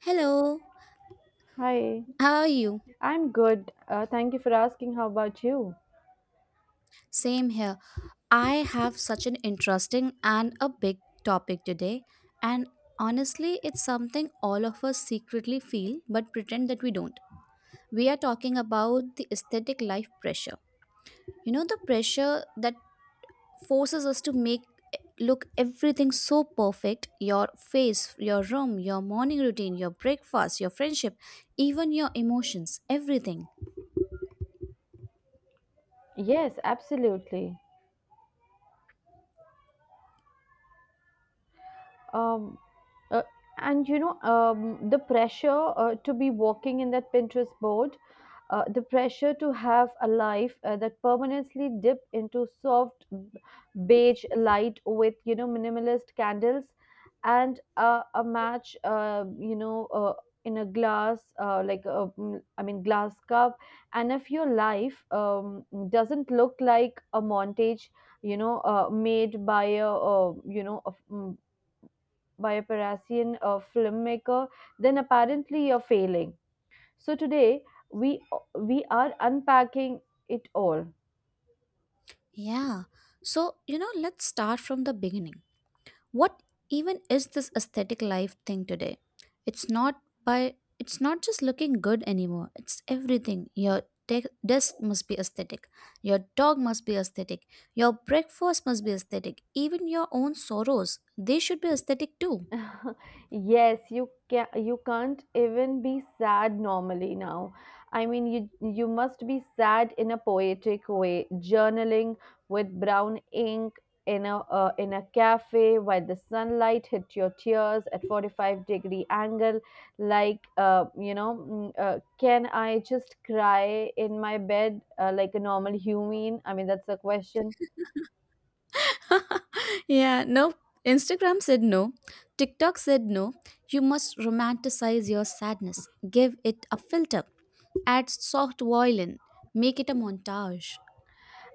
Hello, Hi, how are you? I'm good. Thank you for asking. How about you? Same here. I have such an interesting and a big topic today, and honestly, it's something all of us secretly feel but pretend that we don't. We are talking about the aesthetic life pressure. You know, the pressure that forces us to make look everything so perfect, your face, your room, your morning routine, your breakfast, your friendship, even your emotions, everything. Yes, absolutely. Um, uh, the pressure to be working in that Pinterest board, the pressure to have a life that permanently dip into soft beige light with, you know, minimalist candles, and a match, in a glass, like a, I mean glass cup. And if your life doesn't look like a montage, you know, made by a, by a Parisian filmmaker, then apparently you're failing. So today we we are unpacking it all. Yeah. So, you know, let's start from the beginning. What even is this aesthetic life thing today? It's not by it's not just looking good anymore. It's everything. Your desk must be aesthetic, your dog must be aesthetic, your breakfast must be aesthetic, even your own sorrows, they should be aesthetic too. Yes, you can't even be sad normally now. I mean, you must be sad in a poetic way, journaling with brown ink in a, in a cafe while the sunlight hit your tears at 45-degree angle. Like, can I just cry in my bed like a normal human? I mean, that's the question. Yeah, no. Instagram said no. TikTok said no. You must romanticize your sadness. Give it a filter, add soft violin, make it a montage.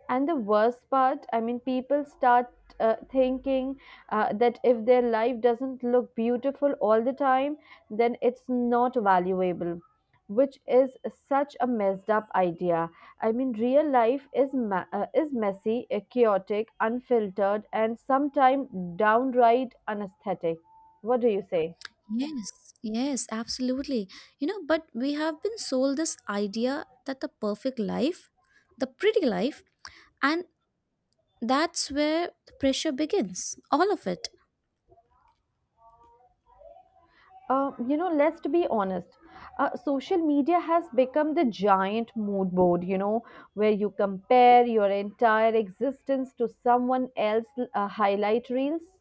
And the worst part, I mean, people start thinking that if their life doesn't look beautiful all the time, then it's not valuable, which is such a messed up idea. I mean, real life is is messy, chaotic, unfiltered, and sometimes downright unesthetic. What do you say? Yes, yes, absolutely. You know, but we have been sold this idea that the perfect life, the pretty life, and that's where the pressure begins. All of it. You know, let's be honest. Social media has become the giant mood board, you know, where you compare your entire existence to someone else's highlight reels.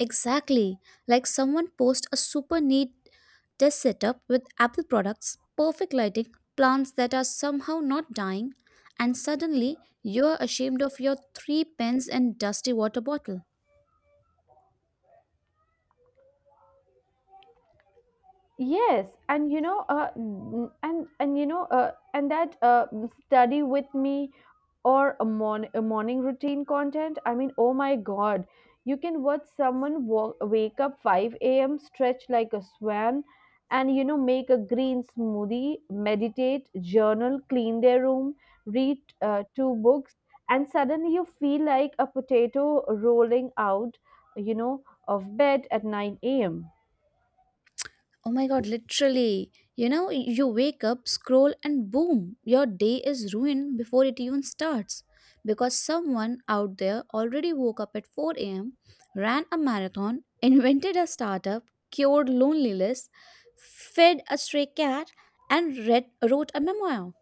Exactly. Like someone post a super neat test setup with Apple products, perfect lighting, plants that are somehow not dying, and suddenly you're ashamed of your three pens and dusty water bottle. Yes, and you know, n- and you know, and that m- study with me, or a, a morning routine content. I mean, oh my God, you can watch someone walk, wake up 5 a.m., stretch like a swan, and, you know, make a green smoothie, meditate, journal, clean their room, read two books, and suddenly you feel like a potato rolling out, you know, of bed at 9 a.m. Oh my god, literally. You know, you wake up, scroll, and boom, your day is ruined before it even starts. Because someone out there already woke up at 4 a.m., ran a marathon, invented a startup, cured loneliness, fed a stray cat, and read, wrote a memoir.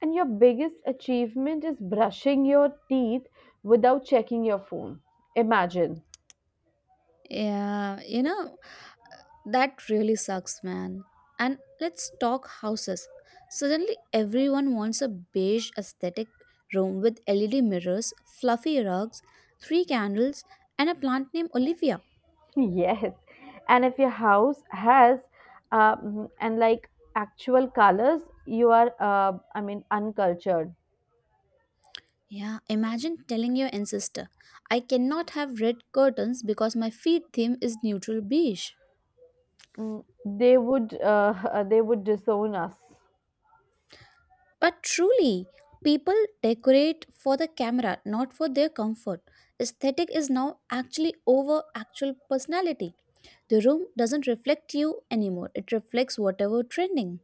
And your biggest achievement is brushing your teeth without checking your phone. Imagine. Yeah, you know, that really sucks, man. And let's talk houses. Suddenly, everyone wants a beige aesthetic room with LED mirrors, fluffy rugs, three candles, and a plant named Olivia. Yes. And if your house has and like actual colors, you are, I mean, uncultured. Yeah, imagine telling your ancestor, I cannot have red curtains because my feed theme is neutral beige. Mm, they would, they would disown us. But truly, people decorate for the camera, not for their comfort. Aesthetic is now actually over actual personality. The room doesn't reflect you anymore, it reflects whatever trending.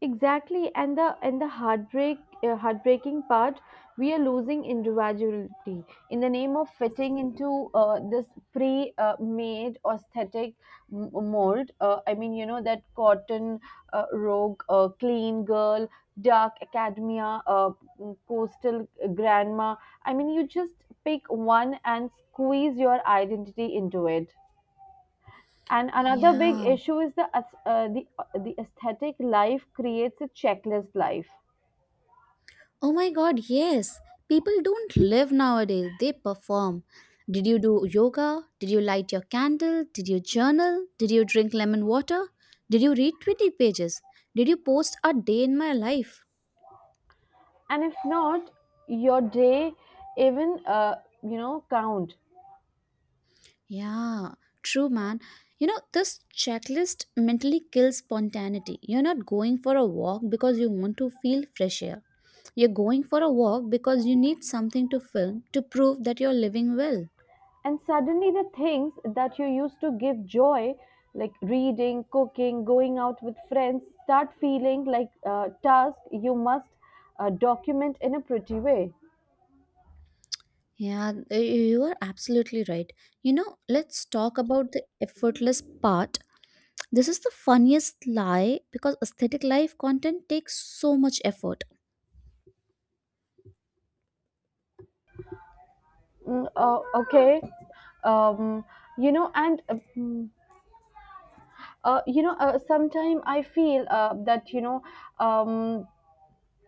Exactly, and the heartbreaking part, we are losing individuality in the name of fitting into, this pre-made aesthetic mold. I mean, you know, that cotton, rogue, clean girl, dark academia, coastal grandma. I mean, you just pick one and squeeze your identity into it. And another big Yeah, issue is the ath- the aesthetic life creates a checklist life, oh my god, yes. People don't live nowadays, they perform. Did you do yoga? Did you light your candle? Did you journal? Did you drink lemon water? Did you read 20 pages? Did you post a day in my life? and if not, your day even, you know, count. Yeah, true, man. You know, this checklist mentally kills spontaneity. You're not going for a walk because you want to feel fresh air. You're going for a walk because you need something to film to prove that you're living well. And suddenly, the things that you used to give joy, like reading, cooking, going out with friends, start feeling like tasks you must document in a pretty way. Yeah, you are absolutely right. You know, let's talk about the effortless part. This is the funniest lie because aesthetic life content takes so much effort. Okay, um, you know, and. Mm, you know sometime I feel that, you know, um,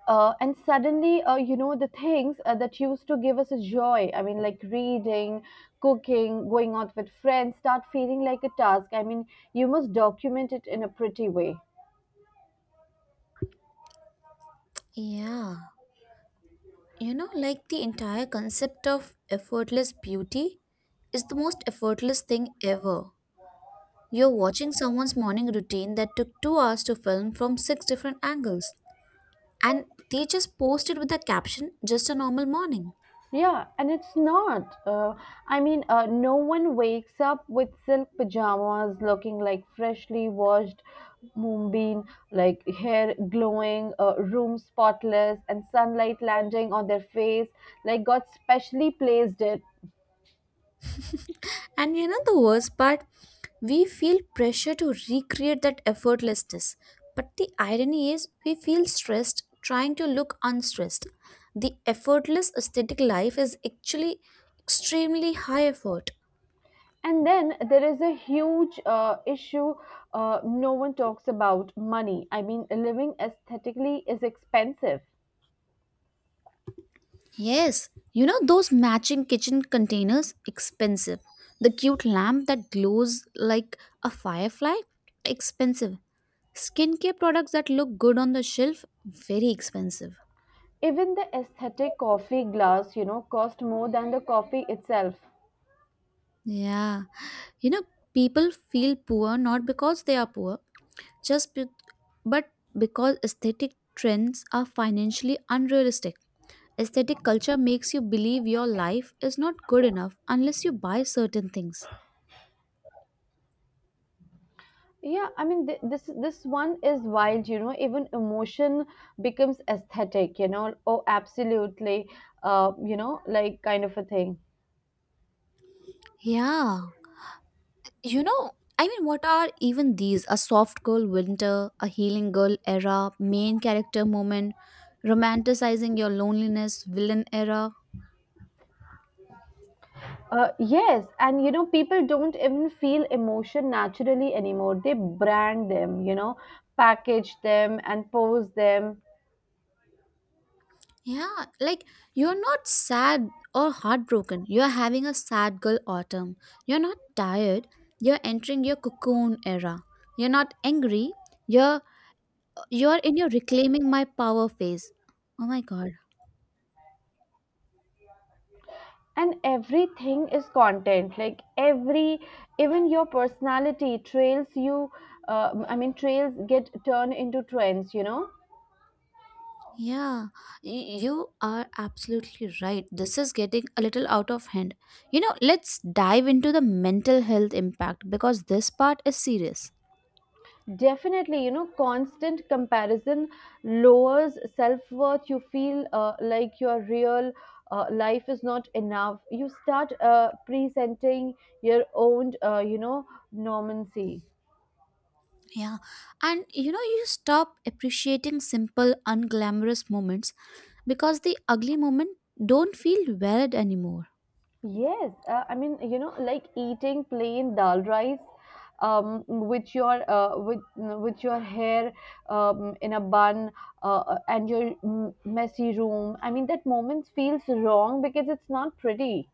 and suddenly, you know, the things that used to give us a joy, I mean, like reading, cooking, going out with friends start feeling like a task. I mean, you must document it in a pretty way. Yeah, you know, like the entire concept of effortless beauty is the most effortless thing ever. You're watching someone's morning routine that took 2 hours to film from six different angles, and they just posted with the caption, just a normal morning. Yeah, and it's not. No one wakes up with silk pajamas looking like freshly washed moonbeam, like hair glowing, room spotless, and sunlight landing on their face like God specially placed it. And you know the worst part? We feel pressure to recreate that effortlessness. But the irony is, we feel stressed trying to look unstressed. The effortless aesthetic life is actually extremely high effort. And then there is a huge issue no one talks about: money. I mean, living aesthetically is expensive. Yes, you know those matching kitchen containers? Expensive. The cute lamp that glows like a firefly? Expensive. Skincare products that look good on the shelf? Very expensive. Even the aesthetic coffee glass, you know, cost more than the coffee itself. Yeah. You know, people feel poor not because they are poor, just be- but because aesthetic trends are financially unrealistic. Aesthetic culture makes you believe your life is not good enough unless you buy certain things. Yeah, I mean, this one is wild, you know. Even emotion becomes aesthetic, you know. Oh, absolutely. Like, kind of a thing. Yeah. You know, I mean, what are even these? A soft girl winter, a healing girl era, main character moment, romanticizing your loneliness, villain era. Yes, and, you know, people don't even feel emotion naturally anymore. They brand them, you know, package them and pose them. Yeah, like you're not sad or heartbroken. You're having a sad girl autumn. You're not tired. You're entering your cocoon era. You're not angry. You're you're in your reclaiming my power phase. Oh my god. And everything is content. Like, every even your personality trails get turned into trends, you know. Yeah, you are absolutely right. This is getting a little out of hand. You know, let's dive into the mental health impact because this part is serious. Definitely, you know, constant comparison lowers self worth. You feel like your real life is not enough. You start presenting your own, normancy. Yeah, and you know, you stop appreciating simple, unglamorous moments because the ugly moment don't feel valid anymore. Yes, I mean, you know, like eating plain dal rice with your, with your hair in a bun, and your, messy room. I mean, that moment feels wrong because it's not pretty.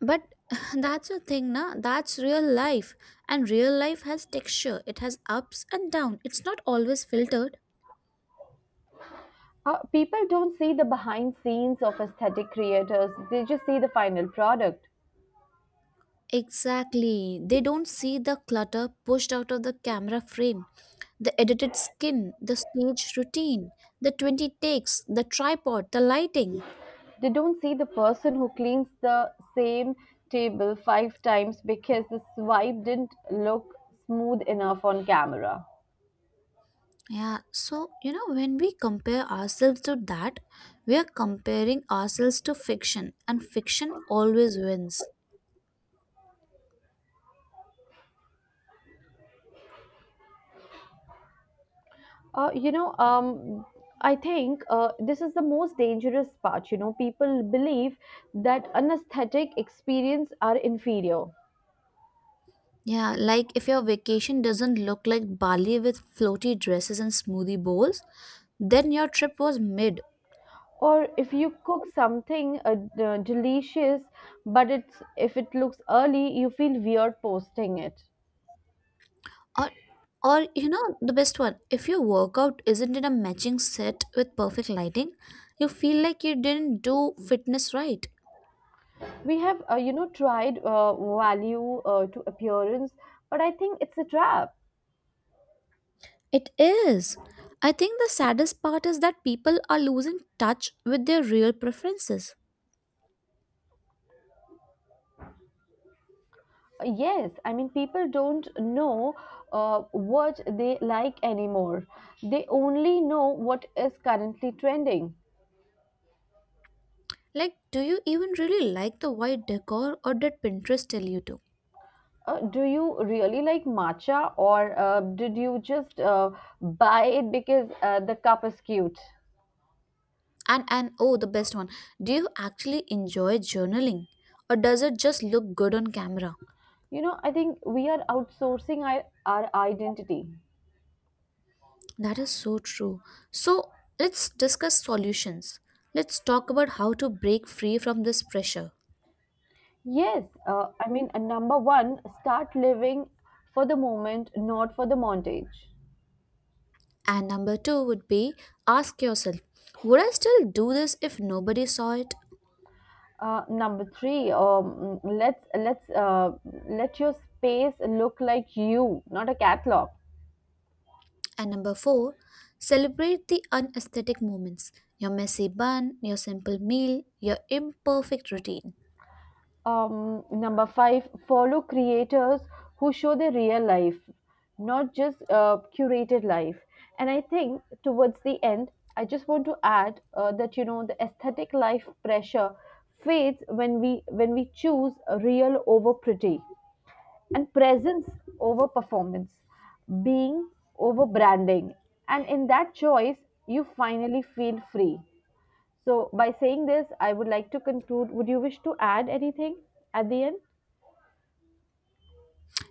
But that's a thing, na. That's real life. And real life has texture, it has ups and downs. It's not always filtered. People don't see the behind scenes of aesthetic creators, they just see the final product. Exactly. They don't see the clutter pushed out of the camera frame, the edited skin, the stage routine, the 20 takes, the tripod, the lighting. They don't see the person who cleans the same table five times because the swipe didn't look smooth enough on camera. Yeah, so you know, when we compare ourselves to that, we are comparing ourselves to fiction, and fiction always wins. Uh, you know, um, I think this is the most dangerous part. You know, people believe that an aesthetic experience are inferior. Yeah, like if your vacation doesn't look like Bali with floaty dresses and smoothie bowls, then your trip was mid. Or if you cook something, delicious, but it's, if it looks early, you feel weird posting it. Or, or you know, the best one, if your workout isn't in a matching set with perfect lighting, you feel like you didn't do fitness right. We have, you know, tried value to appearance, but I think it's a trap. It is. I think the saddest part is that people are losing touch with their real preferences. Yes, I mean, people don't know uh, what they like anymore. They only know what is currently trending. Like, do you even really like the white decor or did Pinterest tell you to? Do you really like matcha, or did you just buy it because the cup is cute? and oh, the best one. Do you actually enjoy journaling or does it just look good on camera? You know, I think we are outsourcing our identity. That is so true. So, let's discuss solutions. Let's talk about how to break free from this pressure. Yes, I mean, number one, start living for the moment, not for the montage. And number 2 would be, ask yourself, would I still do this if nobody saw it? Number three, let's let your space look like you, not a catalog. And number four, celebrate the unesthetic moments, your messy bun, your simple meal, your imperfect routine. Number five, follow creators who show their real life, not just curated life. And I think towards the end, I just want to add that, you know, the aesthetic life pressure fades when we choose real over pretty, and presence over performance, being over branding. And in that choice, you finally feel free. So, by saying this, I would like to conclude. Would you wish to add anything at the end?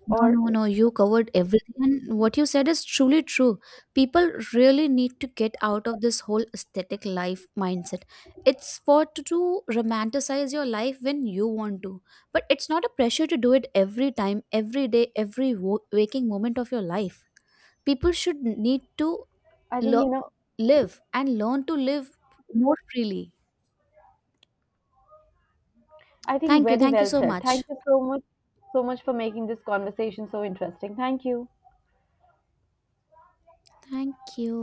No, Or no, no, you covered everything. And what you said is truly true. People really need to get out of this whole aesthetic life mindset. It's for to romanticize your life when you want to. But it's not a pressure to do it every time, every day, every waking moment of your life. People should need to I think, you lo- know, live and learn to live more freely. I think Thank you, very thank you well so said. Thank much. you so much, so much for making this conversation so interesting. Thank you. Thank you.